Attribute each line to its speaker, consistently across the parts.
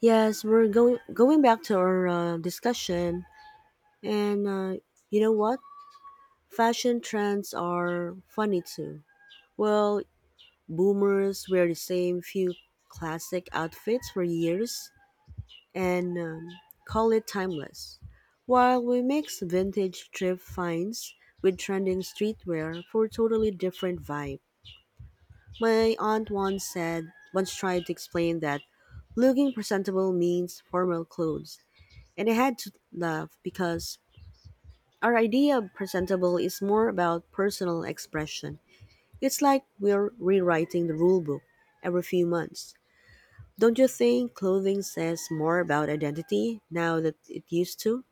Speaker 1: Yes, we're going back to our discussion, and you know what? fashion trends are funny too. Well, boomers wear the same few classic outfits for years and call it timeless, while we mix vintage thrift finds with trending streetwear for a totally different vibe. My aunt once tried to explain that looking presentable means formal clothes, and I had to laugh because our idea of presentable is more about personal expression. It's like we're rewriting the rule book every few months. Don't you think clothing says more about identity now that it used to?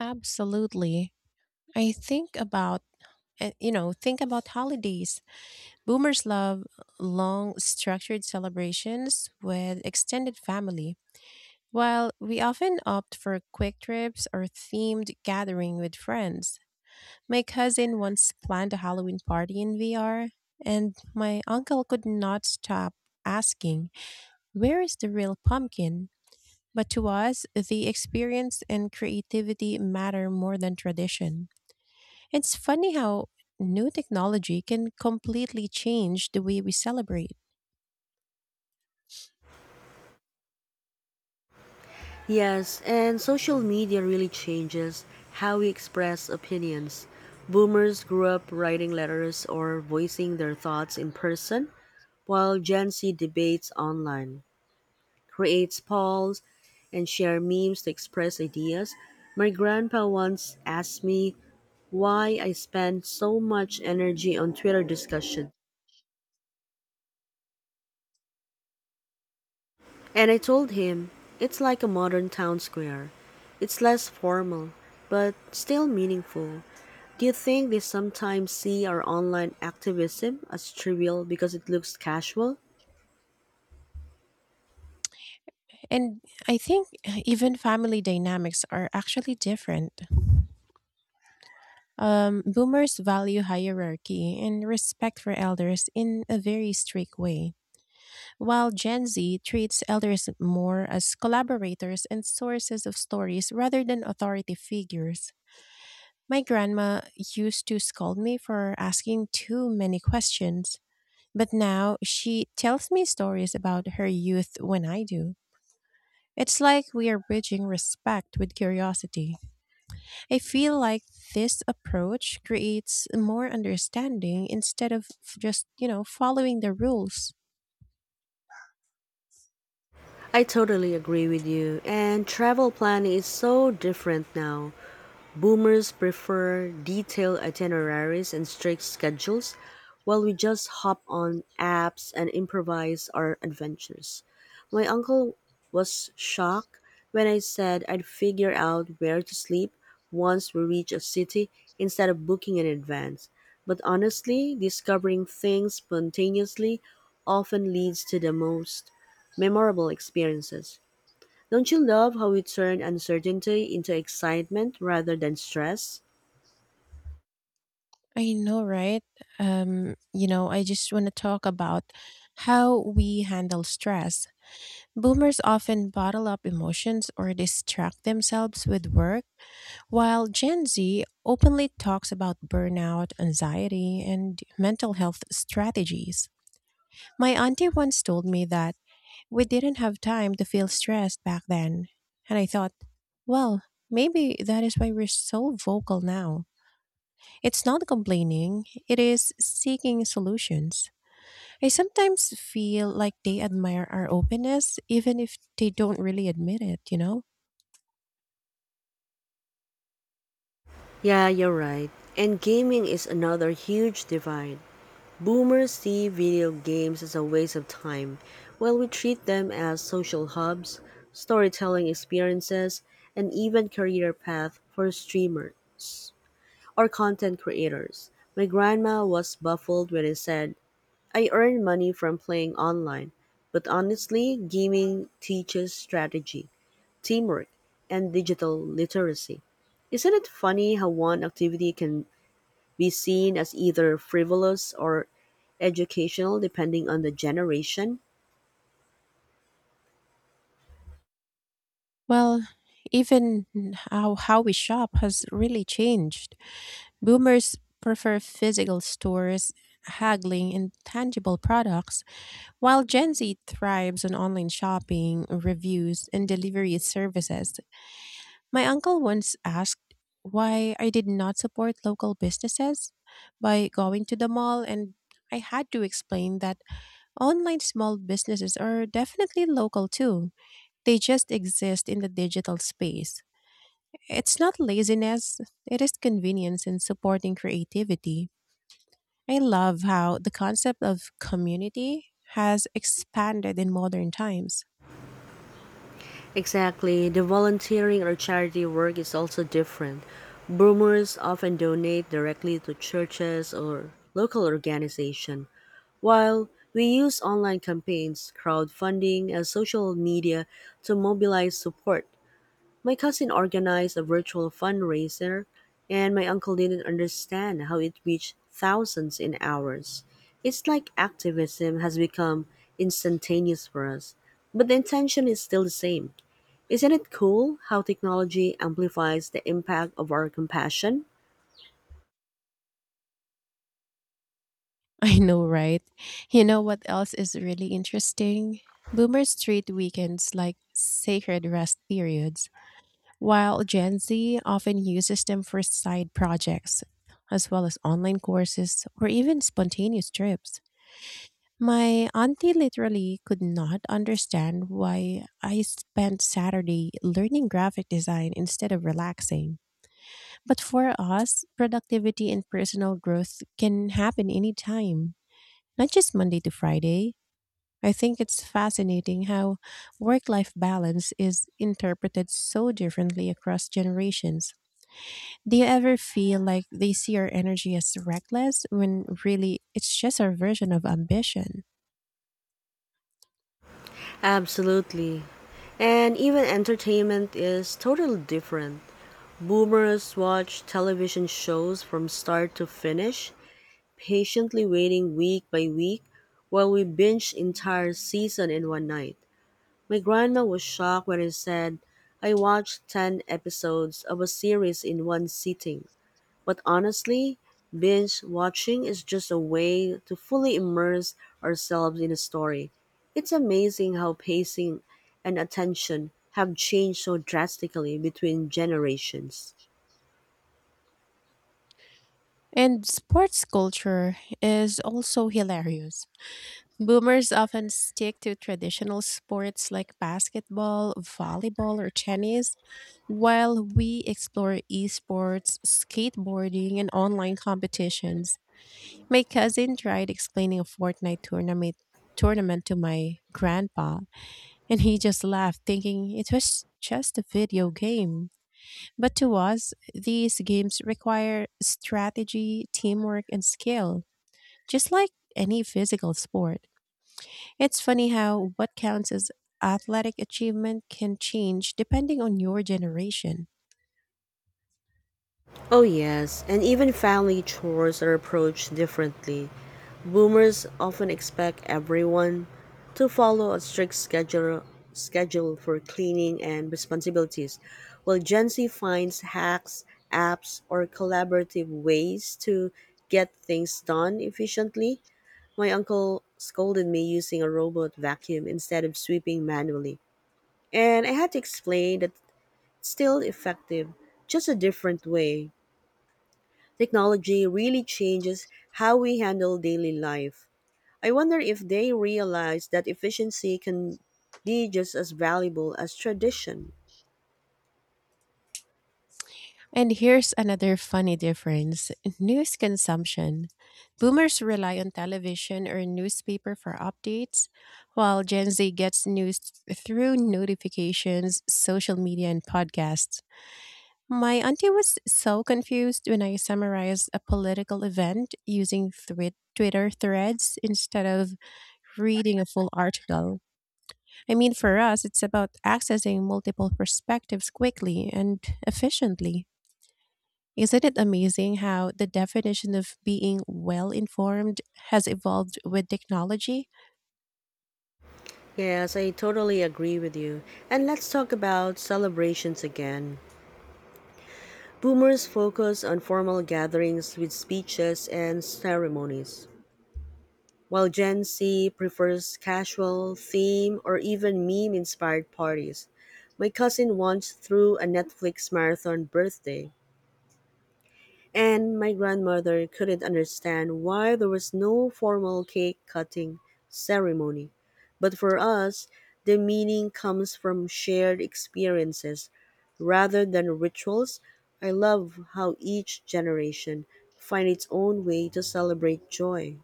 Speaker 2: Absolutely. I think about think about holidays. Boomers love long structured celebrations with extended family, while we often opt for quick trips or themed gathering with friends. My cousin once planned a Halloween party in VR, and my uncle could not stop asking, "Where is the real pumpkin?" But to us, the experience and creativity matter more than tradition. It's funny how new technology can completely change the way we celebrate.
Speaker 1: Yes, and social media really changes how we express opinions. Boomers grew up writing letters or voicing their thoughts in person, while Gen Z debates online, creates polls, and share memes to express ideas. My grandpa once asked me why I spend so much energy on Twitter discussion. And I told him it's like a modern town square. It's less formal, but still meaningful. Do you think they sometimes see our online activism as trivial because it looks casual?
Speaker 2: And I think even family dynamics are actually different. Boomers value hierarchy and respect for elders in a very strict way, while Gen Z treats elders more as collaborators and sources of stories rather than authority figures. My grandma used to scold me for asking too many questions. But now she tells me stories about her youth when I do. It's like we are bridging respect with curiosity. I feel like this approach creates more understanding instead of following the rules.
Speaker 1: I totally agree with you. And travel planning is so different now. Boomers prefer detailed itineraries and strict schedules, while we just hop on apps and improvise our adventures. My uncle was shocked when I said I'd figure out where to sleep once we reach a city instead of booking in advance. But honestly, discovering things spontaneously often leads to the most memorable experiences. Don't you love how we turn uncertainty into excitement rather than stress?
Speaker 2: I know, right? I just want to talk about how we handle stress. Boomers often bottle up emotions or distract themselves with work. While Gen Z openly talks about burnout, anxiety, and mental health strategies, my auntie once told me that we didn't have time to feel stressed back then. And I thought, well, maybe that is why we're so vocal now. It's not complaining, it is seeking solutions. I sometimes feel like they admire our openness, even if they don't really admit it, you know?
Speaker 1: Yeah, you're right. And gaming is another huge divide. Boomers see video games as a waste of time, while we treat them as social hubs, storytelling experiences, and even career path for streamers or content creators. My grandma was baffled when I said I earn money from playing online, but honestly, gaming teaches strategy, teamwork, and digital literacy. Isn't it funny how one activity can be seen as either frivolous or educational depending on the generation?
Speaker 2: Well, even how we shop has really changed. Boomers prefer physical stores, haggling, and tangible products, while Gen Z thrives on online shopping, reviews, and delivery services. My uncle once asked why I did not support local businesses by going to the mall, and I had to explain that online small businesses are definitely local too. They just exist in the digital space. It's not laziness, it is convenience in supporting creativity. I love how the concept of community has expanded in modern times.
Speaker 1: Exactly. The volunteering or charity work is also different. Boomers often donate directly to churches or local organization, while we use online campaigns, crowdfunding, and social media to mobilize support. My cousin organized a virtual fundraiser, and my uncle didn't understand how it reached thousands in hours. It's like activism has become instantaneous for us, but the intention is still the same. Isn't it cool how technology amplifies the impact of our compassion?
Speaker 2: I know, right? You know what else is really interesting? Boomers treat weekends like sacred rest periods, while Gen Z often uses them for side projects, as well as online courses or even spontaneous trips. My auntie literally could not understand why I spent Saturday learning graphic design instead of relaxing. But for us, productivity and personal growth can happen anytime, not just Monday to Friday. I think it's fascinating how work life balance is interpreted so differently across generations. Do you ever feel like they see our energy as reckless when really it's just our version of ambition?
Speaker 1: Absolutely. And even entertainment is totally different. Boomers watch television shows from start to finish, patiently waiting week by week, while we binge entire season in one night. My grandma was shocked when I said I watched 10 episodes of a series in one sitting. But honestly, binge watching is just a way to fully immerse ourselves in a story. It's amazing how pacing and attention have changed so drastically between generations.
Speaker 2: And sports culture is also hilarious. Boomers often stick to traditional sports like basketball, volleyball, or tennis, while we explore esports, skateboarding, and online competitions. My cousin tried explaining a Fortnite tournament to my grandpa, and he just laughed, thinking it was just a video game. But to us, these games require strategy, teamwork, and skill, just like any physical sport. It's funny how what counts as athletic achievement can change depending on your generation.
Speaker 1: Oh, yes, and even family chores are approached differently. Boomers often expect everyone to follow a strict schedule for cleaning and responsibilities, while Gen Z finds hacks, apps, or collaborative ways to get things done efficiently. My uncle scolded me using a robot vacuum instead of sweeping manually, and I had to explain that it's still effective, just a different way. Technology really changes how we handle daily life. I wonder if they realize that efficiency can be just as valuable as tradition.
Speaker 2: And here's another funny difference: news consumption. Boomers rely on television or newspaper for updates, while Gen Z gets news through notifications, social media, and podcasts. My auntie was so confused when I summarized a political event using Twitter threads instead of reading a full article. I mean, for us, it's about accessing multiple perspectives quickly and efficiently. Isn't it amazing how the definition of being well informed has evolved with technology?
Speaker 1: Yes, I totally agree with you. And let's talk about celebrations again. Boomers focus on formal gatherings with speeches and ceremonies, while Gen Z prefers casual, theme, or even meme inspired parties. My cousin once threw a Netflix marathon birthday, and my grandmother couldn't understand why there was no formal cake cutting ceremony. But for us, the meaning comes from shared experiences rather than rituals. I love how each generation finds its own way to celebrate joy.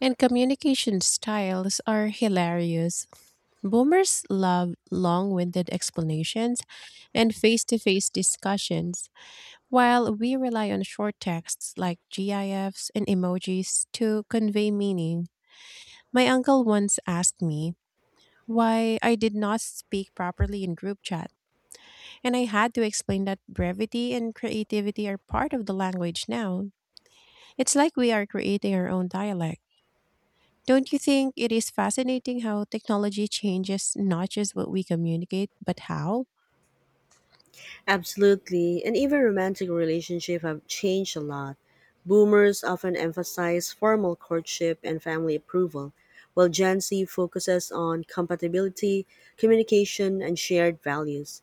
Speaker 2: And communication styles are hilarious. Boomers love long winded explanations and face to face discussions, while we rely on short texts like GIFs and emojis to convey meaning. My uncle once asked me why I did not speak properly in group chat. And I had to explain that brevity and creativity are part of the language now. It's like we are creating our own dialect. Don't you think it is fascinating how technology changes not just what we communicate, but how?
Speaker 1: Absolutely. And even romantic relationships have changed a lot. Boomers often emphasize formal courtship and family approval, while Gen Z focuses on compatibility, communication, and shared values.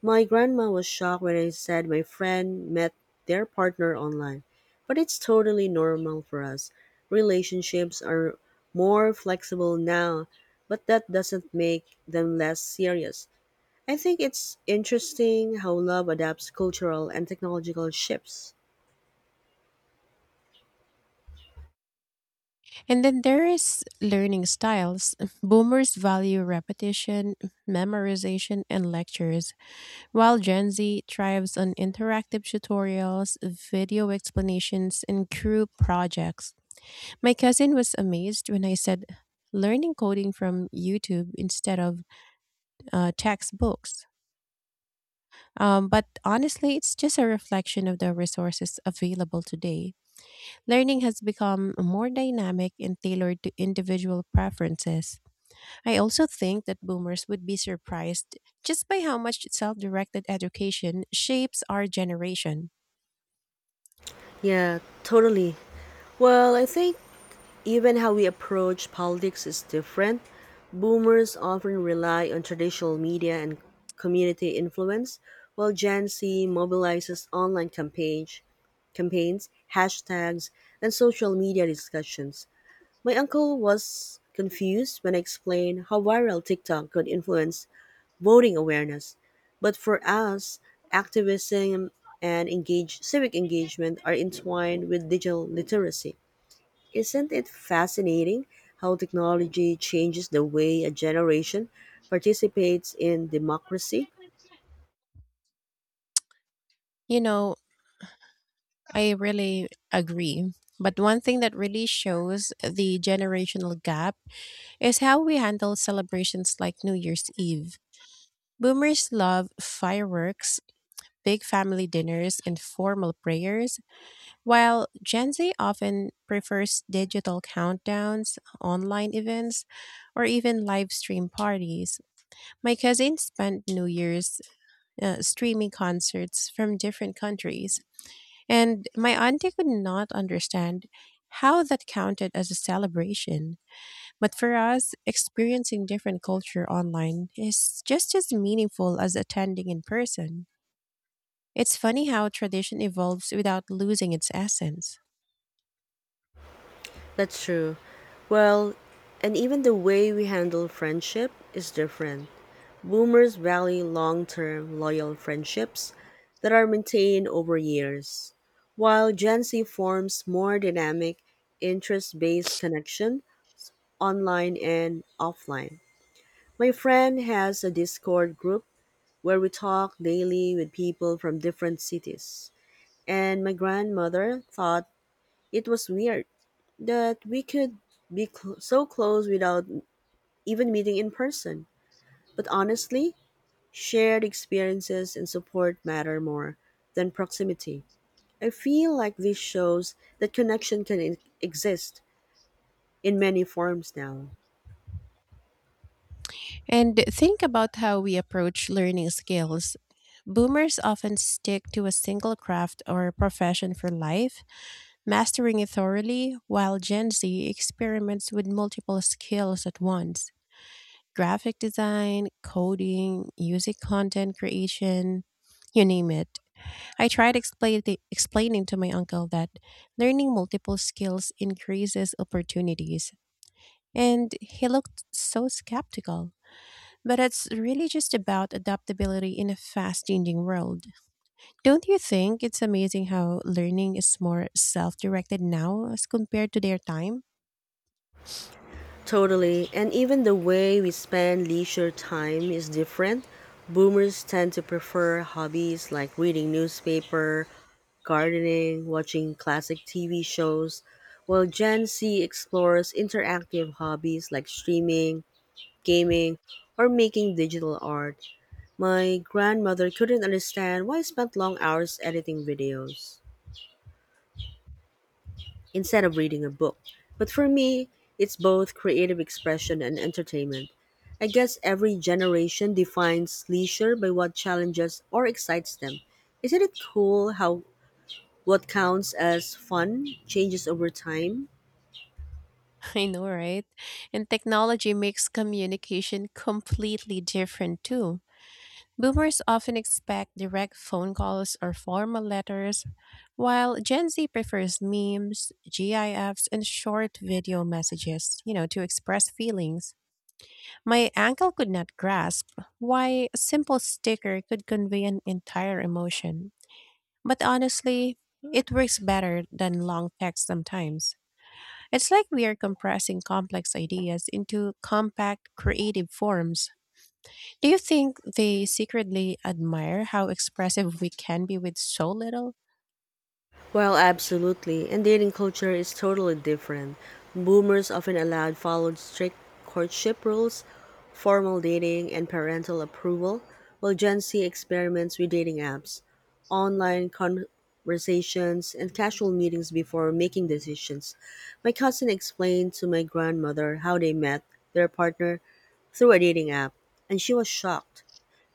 Speaker 1: My grandma was shocked when I said my friend met their partner online, but it's totally normal for us. Relationships are more flexible now, but that doesn't make them less serious. I think it's interesting how love adapts cultural and technological shifts.
Speaker 2: And then there is learning styles. Boomers value repetition, memorization, and lectures, while Gen Z thrives on interactive tutorials, video explanations, and group projects. My cousin was amazed when I said learning coding from YouTube instead of textbooks. But honestly, it's just a reflection of the resources available today. Learning has become more dynamic and tailored to individual preferences. I also think that boomers would be surprised just by how much self directed education shapes our generation.
Speaker 1: Yeah, totally. Well, I think even how we approach politics is different. Boomers often rely on traditional media and community influence, while Gen Z mobilizes online campaigns, hashtags, and social media discussions. My uncle was confused when I explained how viral TikTok could influence voting awareness. But for us, activism and engage civic engagement are entwined with digital literacy. Isn't it fascinating how technology changes the way a generation participates in democracy?
Speaker 2: You know, I really agree. But one thing that really shows the generational gap is how we handle celebrations like New Year's Eve. Boomers love fireworks, big family dinners, and formal prayers, while Gen Z often prefers digital countdowns, online events, or even live stream parties. My cousin spent New Year's streaming concerts from different countries, and my auntie could not understand how that counted as a celebration. But for us, experiencing different culture online is just as meaningful as attending in person. It's funny how tradition evolves without losing its essence.
Speaker 1: That's true. Well, and even the way we handle friendship is different. Boomers value long term, loyal friendships that are maintained over years, while Gen Z forms more dynamic, interest based connection online and offline. My friend has a Discord group where we talk daily with people from different cities. And my grandmother thought it was weird that we could so close without even meeting in person. But honestly, shared experiences and support matter more than proximity. I feel like this shows that connection exist in many forms now.
Speaker 2: And think about how we approach learning skills. Boomers often stick to a single craft or profession for life, mastering it thoroughly, while Gen Z experiments with multiple skills at once: graphic design, coding, music content creation, you name it. I tried explaining to my uncle that learning multiple skills increases opportunities, and he looked so skeptical. But it's really just about adaptability in a fast changing world. Don't you think it's amazing how learning is more self directed now as compared to their time?
Speaker 1: Totally, and even the way we spend leisure time is different. Boomers tend to prefer hobbies like reading newspaper, gardening, watching classic TV shows, while Gen Z explores interactive hobbies like streaming, gaming, or making digital art. My grandmother couldn't understand why I spent long hours editing videos instead of reading a book. But for me, it's both creative expression and entertainment. I guess every generation defines leisure by what challenges or excites them. Isn't it cool how what counts as fun changes over time?
Speaker 2: I know, right? And technology makes communication completely different too. Boomers often expect direct phone calls or formal letters, while Gen Z prefers memes, GIFs, and short video messages, you know, to express feelings. My uncle could not grasp why a simple sticker could convey an entire emotion. But honestly, it works better than long text sometimes. It's like we are compressing complex ideas into compact, creative forms. Do you think they secretly admire how expressive we can be with so little?
Speaker 1: Well, absolutely. And dating culture is totally different. Boomers often allowed followed strict courtship rules, formal dating, and parental approval, while Gen Z experiments with dating apps, online conversations, and casual meetings before making decisions. My cousin explained to my grandmother how they met their partner through a dating app, and she was shocked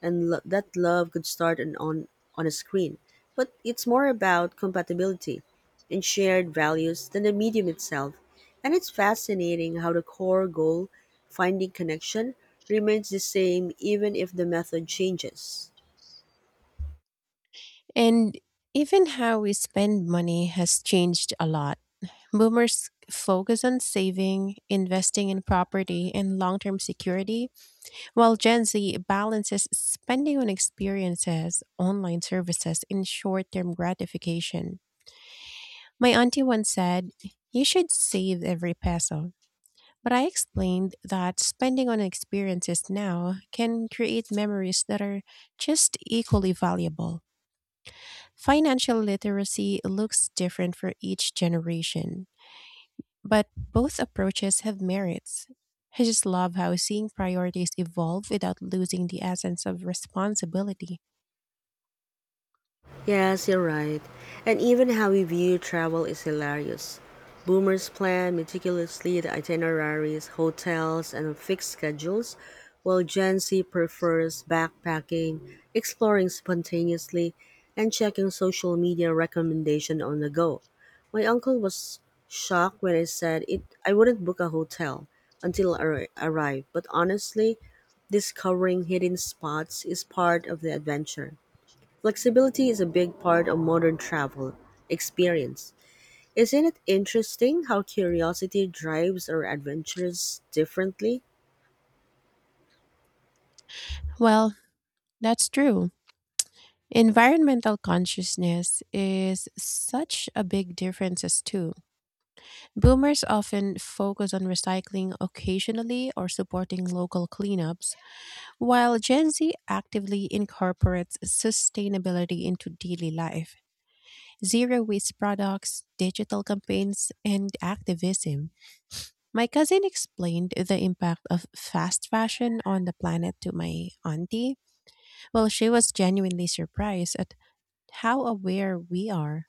Speaker 1: that love could start on a screen. But it's more about compatibility and shared values than the medium itself. And it's fascinating how the core goal, finding connection, remains the same even if the method changes.
Speaker 2: And even how we spend money has changed a lot. Boomers focus on saving, investing in property, and long term security, while Gen Z balances spending on experiences, online services, and short term gratification. My auntie once said, "You should save every peso." But I explained that spending on experiences now can create memories that are just equally valuable. Financial literacy looks different for each generation, but both approaches have merits. I just love how seeing priorities evolve without losing the essence of responsibility.
Speaker 1: Yes, you're right. And even how we view travel is hilarious. Boomers plan meticulously the itineraries, hotels, and fixed schedules, while Gen Z prefers backpacking, exploring spontaneously, and checking social media recommendation on the go. My uncle was shocked when I said it I wouldn't book a hotel until I arrived, but honestly, discovering hidden spots is part of the adventure. Flexibility is a big part of modern travel experience. Isn't it interesting how curiosity drives our adventures differently?
Speaker 2: Well, that's true. Environmental consciousness is such a big difference as too. Boomers often focus on recycling occasionally or supporting local cleanups, while Gen Z actively incorporates sustainability into daily life, zero waste products, digital campaigns, and activism. My cousin explained the impact of fast fashion on the planet to my auntie. Well, she was genuinely surprised at how aware we are.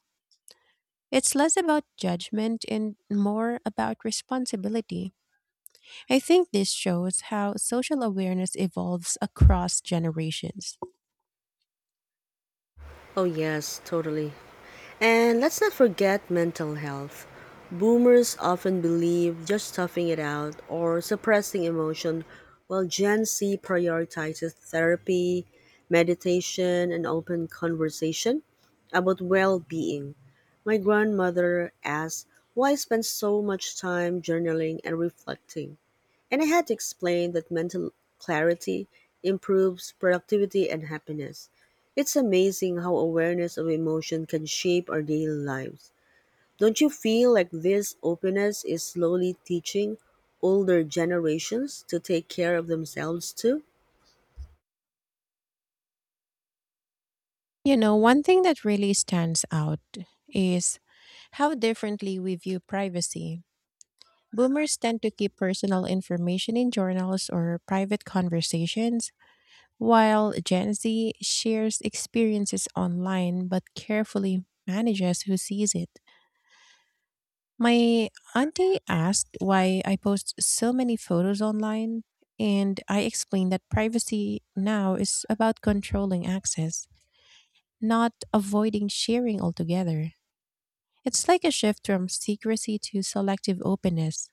Speaker 2: It's less about judgment and more about responsibility. I think this shows how social awareness evolves across generations.
Speaker 1: Oh, yes, totally. And let's not forget mental health. Boomers often believe just toughing it out or suppressing emotion, while Gen Z prioritizes therapy, meditation, and open conversation about well being. My grandmother asked why I spent so much time journaling and reflecting, and I had to explain that mental clarity improves productivity and happiness. It's amazing how awareness of emotion can shape our daily lives. Don't you feel like this openness is slowly teaching older generations to take care of themselves too?
Speaker 2: You know, one thing that really stands out is how differently we view privacy. Boomers tend to keep personal information in journals or private conversations, while Gen Z shares experiences online but carefully manages who sees it. My auntie asked why I post so many photos online, and I explained that privacy now is about controlling access, not avoiding sharing altogether. It's like a shift from secrecy to selective openness.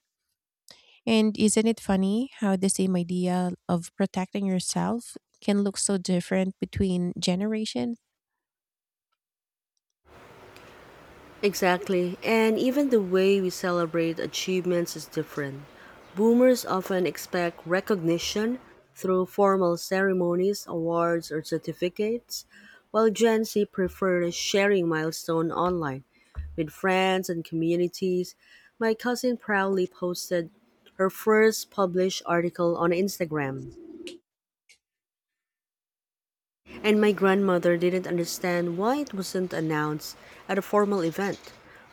Speaker 2: And isn't it funny how the same idea of protecting yourself can look so different between generations?
Speaker 1: Exactly. And even the way we celebrate achievements is different. Boomers often expect recognition through formal ceremonies, awards, or certificates, while Gen Z prefers sharing milestones online with friends and communities. My cousin proudly posted her first published article on Instagram, and my grandmother didn't understand why it wasn't announced at a formal event.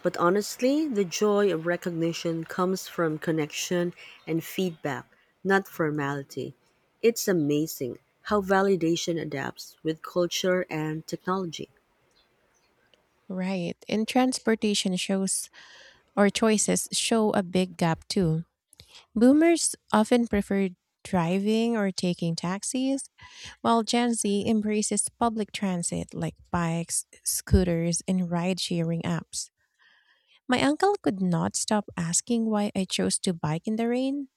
Speaker 1: But honestly, the joy of recognition comes from connection and feedback, not formality. It's amazing how validation adapts with culture and technology.
Speaker 2: Right. And transportation shows or choices show a big gap too. Boomers often prefer driving or taking taxis, while Gen Z embraces public transit like bikes, scooters, and ride sharing apps. My uncle could not stop asking why I chose to bike in the rain,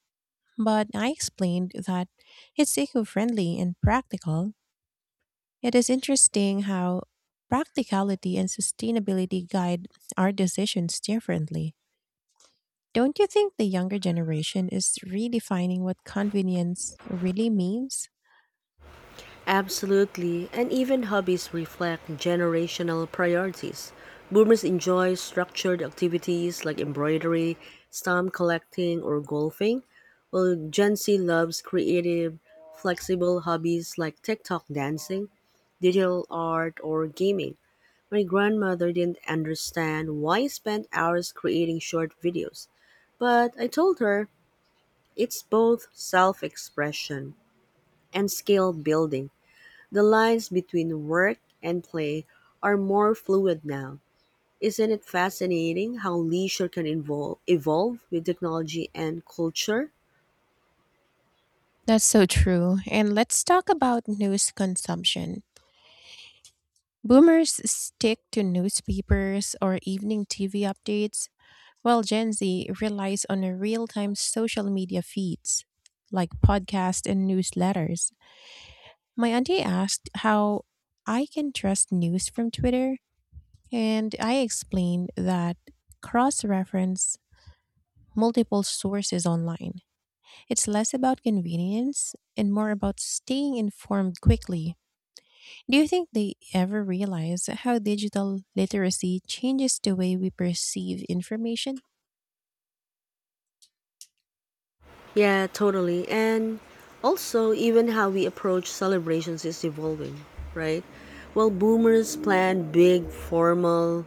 Speaker 2: but I explained that it's eco friendly and practical. It is interesting how practicality and sustainability guide our decisions differently. Don't you think the younger generation is redefining what convenience really means?
Speaker 1: Absolutely, and even hobbies reflect generational priorities. Boomers enjoy structured activities like embroidery, stamp collecting, or golfing, while Gen Z loves creative, flexible hobbies like TikTok dancing, digital art, or gaming. My grandmother didn't understand why I spent hours creating short videos, but I told her it's both self expression and skill building. The lines between work and play are more fluid now. Isn't it fascinating how leisure can evolve with technology and culture?
Speaker 2: That's so true. And let's talk about news consumption. Boomers stick to newspapers or evening TV updates, while Gen Z relies on real time social media feeds like podcasts and newsletters. My auntie asked how I can trust news from Twitter, and I explained that cross reference multiple sources online. It's less about convenience and more about staying informed quickly. Do you think they ever realize how digital literacy changes the way we perceive information?
Speaker 1: Yeah, totally. And also, even how we approach celebrations is evolving, right? Well, boomers plan big, formal,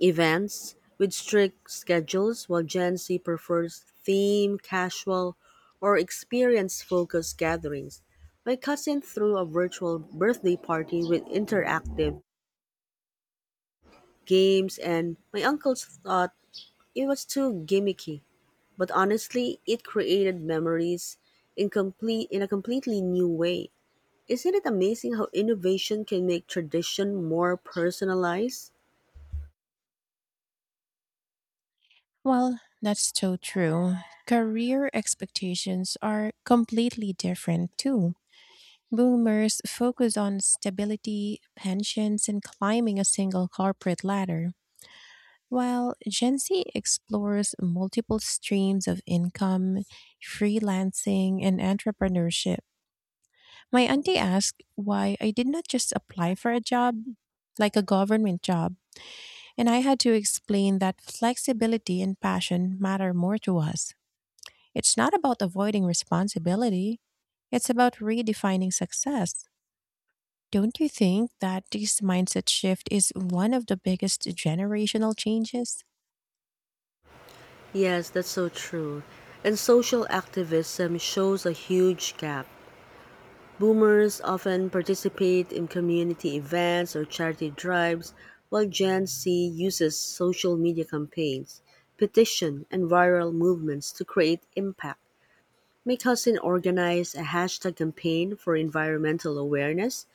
Speaker 1: events with strict schedules, while Gen Z prefers theme, casual, or experience focused gatherings. My cousin threw a virtual birthday party with interactive games, and my uncles thought it was too gimmicky. But honestly, it created memories in a completely new way. Isn't it amazing how innovation can make tradition more personalized?
Speaker 2: Well, that's so true. Career expectations are completely different too. Boomers focus on stability, pensions, and climbing a single corporate ladder. While Gen Z explores multiple streams of income, freelancing, and entrepreneurship, my auntie asked why I did not just apply for a job, like a government job, and I had to explain that flexibility and passion matter more to us. It's not about avoiding responsibility, it's about redefining success. Don't you think that this mindset shift is one of the biggest generational changes?
Speaker 1: Yes, that's so true. And social activism shows a huge gap. Boomers often participate in community events or charity drives, while Gen Z uses social media campaigns, petition, and viral movements to create impact. My cousin organized a hashtag campaign for environmental awareness,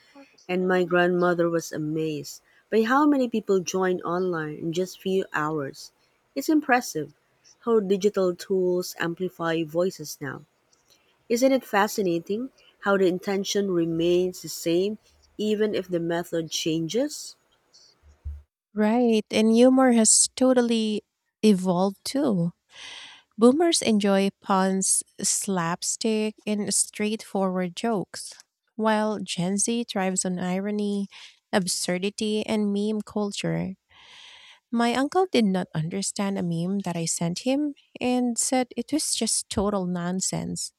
Speaker 1: and my grandmother was amazed by how many people joined online in just few hours. It's impressive how digital tools amplify voices now. Isn't it fascinating how the intention remains the same even if the method changes?
Speaker 2: Right, and humor has totally evolved too. Boomers enjoy puns, slapstick, and straightforward jokes, while Gen Z thrives on irony, absurdity, and meme culture. My uncle did not understand a meme that I sent him and said it was just total nonsense.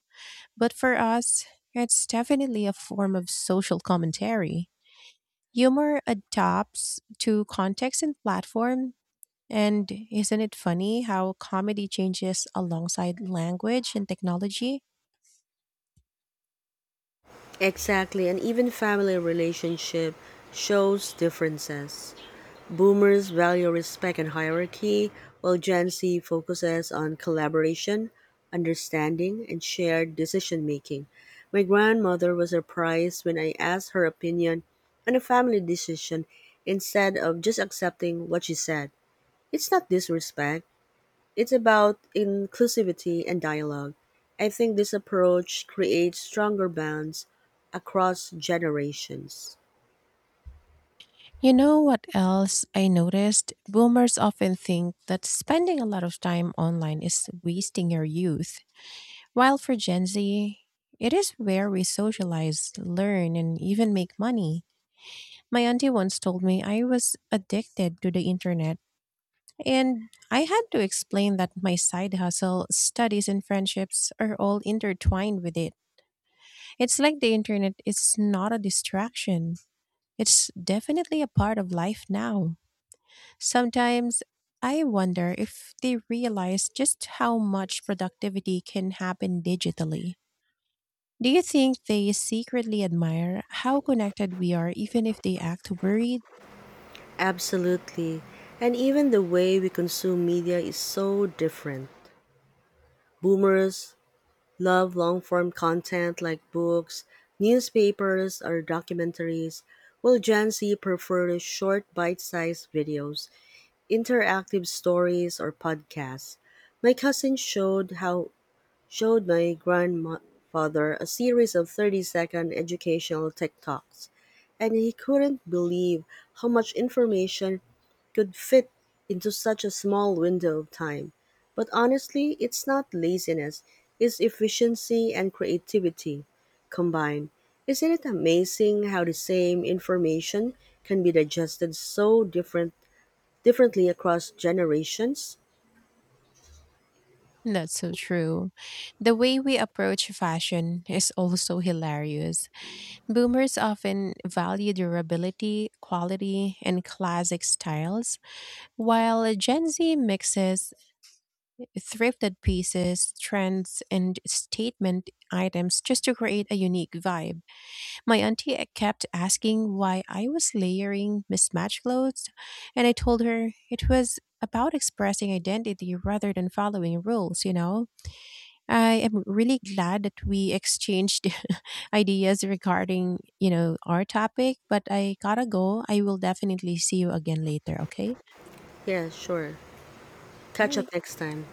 Speaker 2: But for us, it's definitely a form of social commentary. Humor adapts to context and platform, and isn't it funny how comedy changes alongside language and technology?
Speaker 1: Exactly, and even family relationship shows differences. Boomers value respect and hierarchy, while Gen Z focuses on collaboration, understanding, and shared decision-making. My grandmother was surprised when I asked her opinion on a family decision instead of just accepting what she said. It's not disrespect, it's about inclusivity and dialogue. I think this approach creates stronger bonds across generations.
Speaker 2: You know what else I noticed? Boomers often think that spending a lot of time online is wasting your youth, while for Gen Z, it is where we socialize, learn, and even make money. My auntie once told me I was addicted to the internet, and I had to explain that my side hustle, studies, and friendships are all intertwined with it. It's like the internet is not a distraction. It's definitely a part of life now. Sometimes I wonder if they realize just how much productivity can happen digitally. Do you think they secretly admire how connected we are, even if they act worried?
Speaker 1: Absolutely. And even the way we consume media is so different. Boomers love long form content like books, newspapers, or documentaries, while Gen Z prefers short, bite sized videos, interactive stories, or podcasts. My cousin showed my grandfather a series of 30-second educational TikToks and he couldn't believe how much information could fit into such a small window of time. But honestly, it's not laziness, it's efficiency and creativity combined. Isn't it amazing how the same information can be digested so differently across generations?
Speaker 2: That's so true. The way we approach fashion is also hilarious. Boomers often value durability, quality, and classic styles, while Gen Z mixes thrifted pieces, trends, and statement items just to create a unique vibe. My auntie kept asking why I was layering mismatched clothes, and I told her it was about expressing identity rather than following rules, you know? I am really glad that we exchanged ideas regarding, you know, our topic, but I gotta go. I will definitely see you again later, okay?
Speaker 1: Yeah, sure.
Speaker 2: All
Speaker 1: Catch up
Speaker 2: right.
Speaker 1: next time.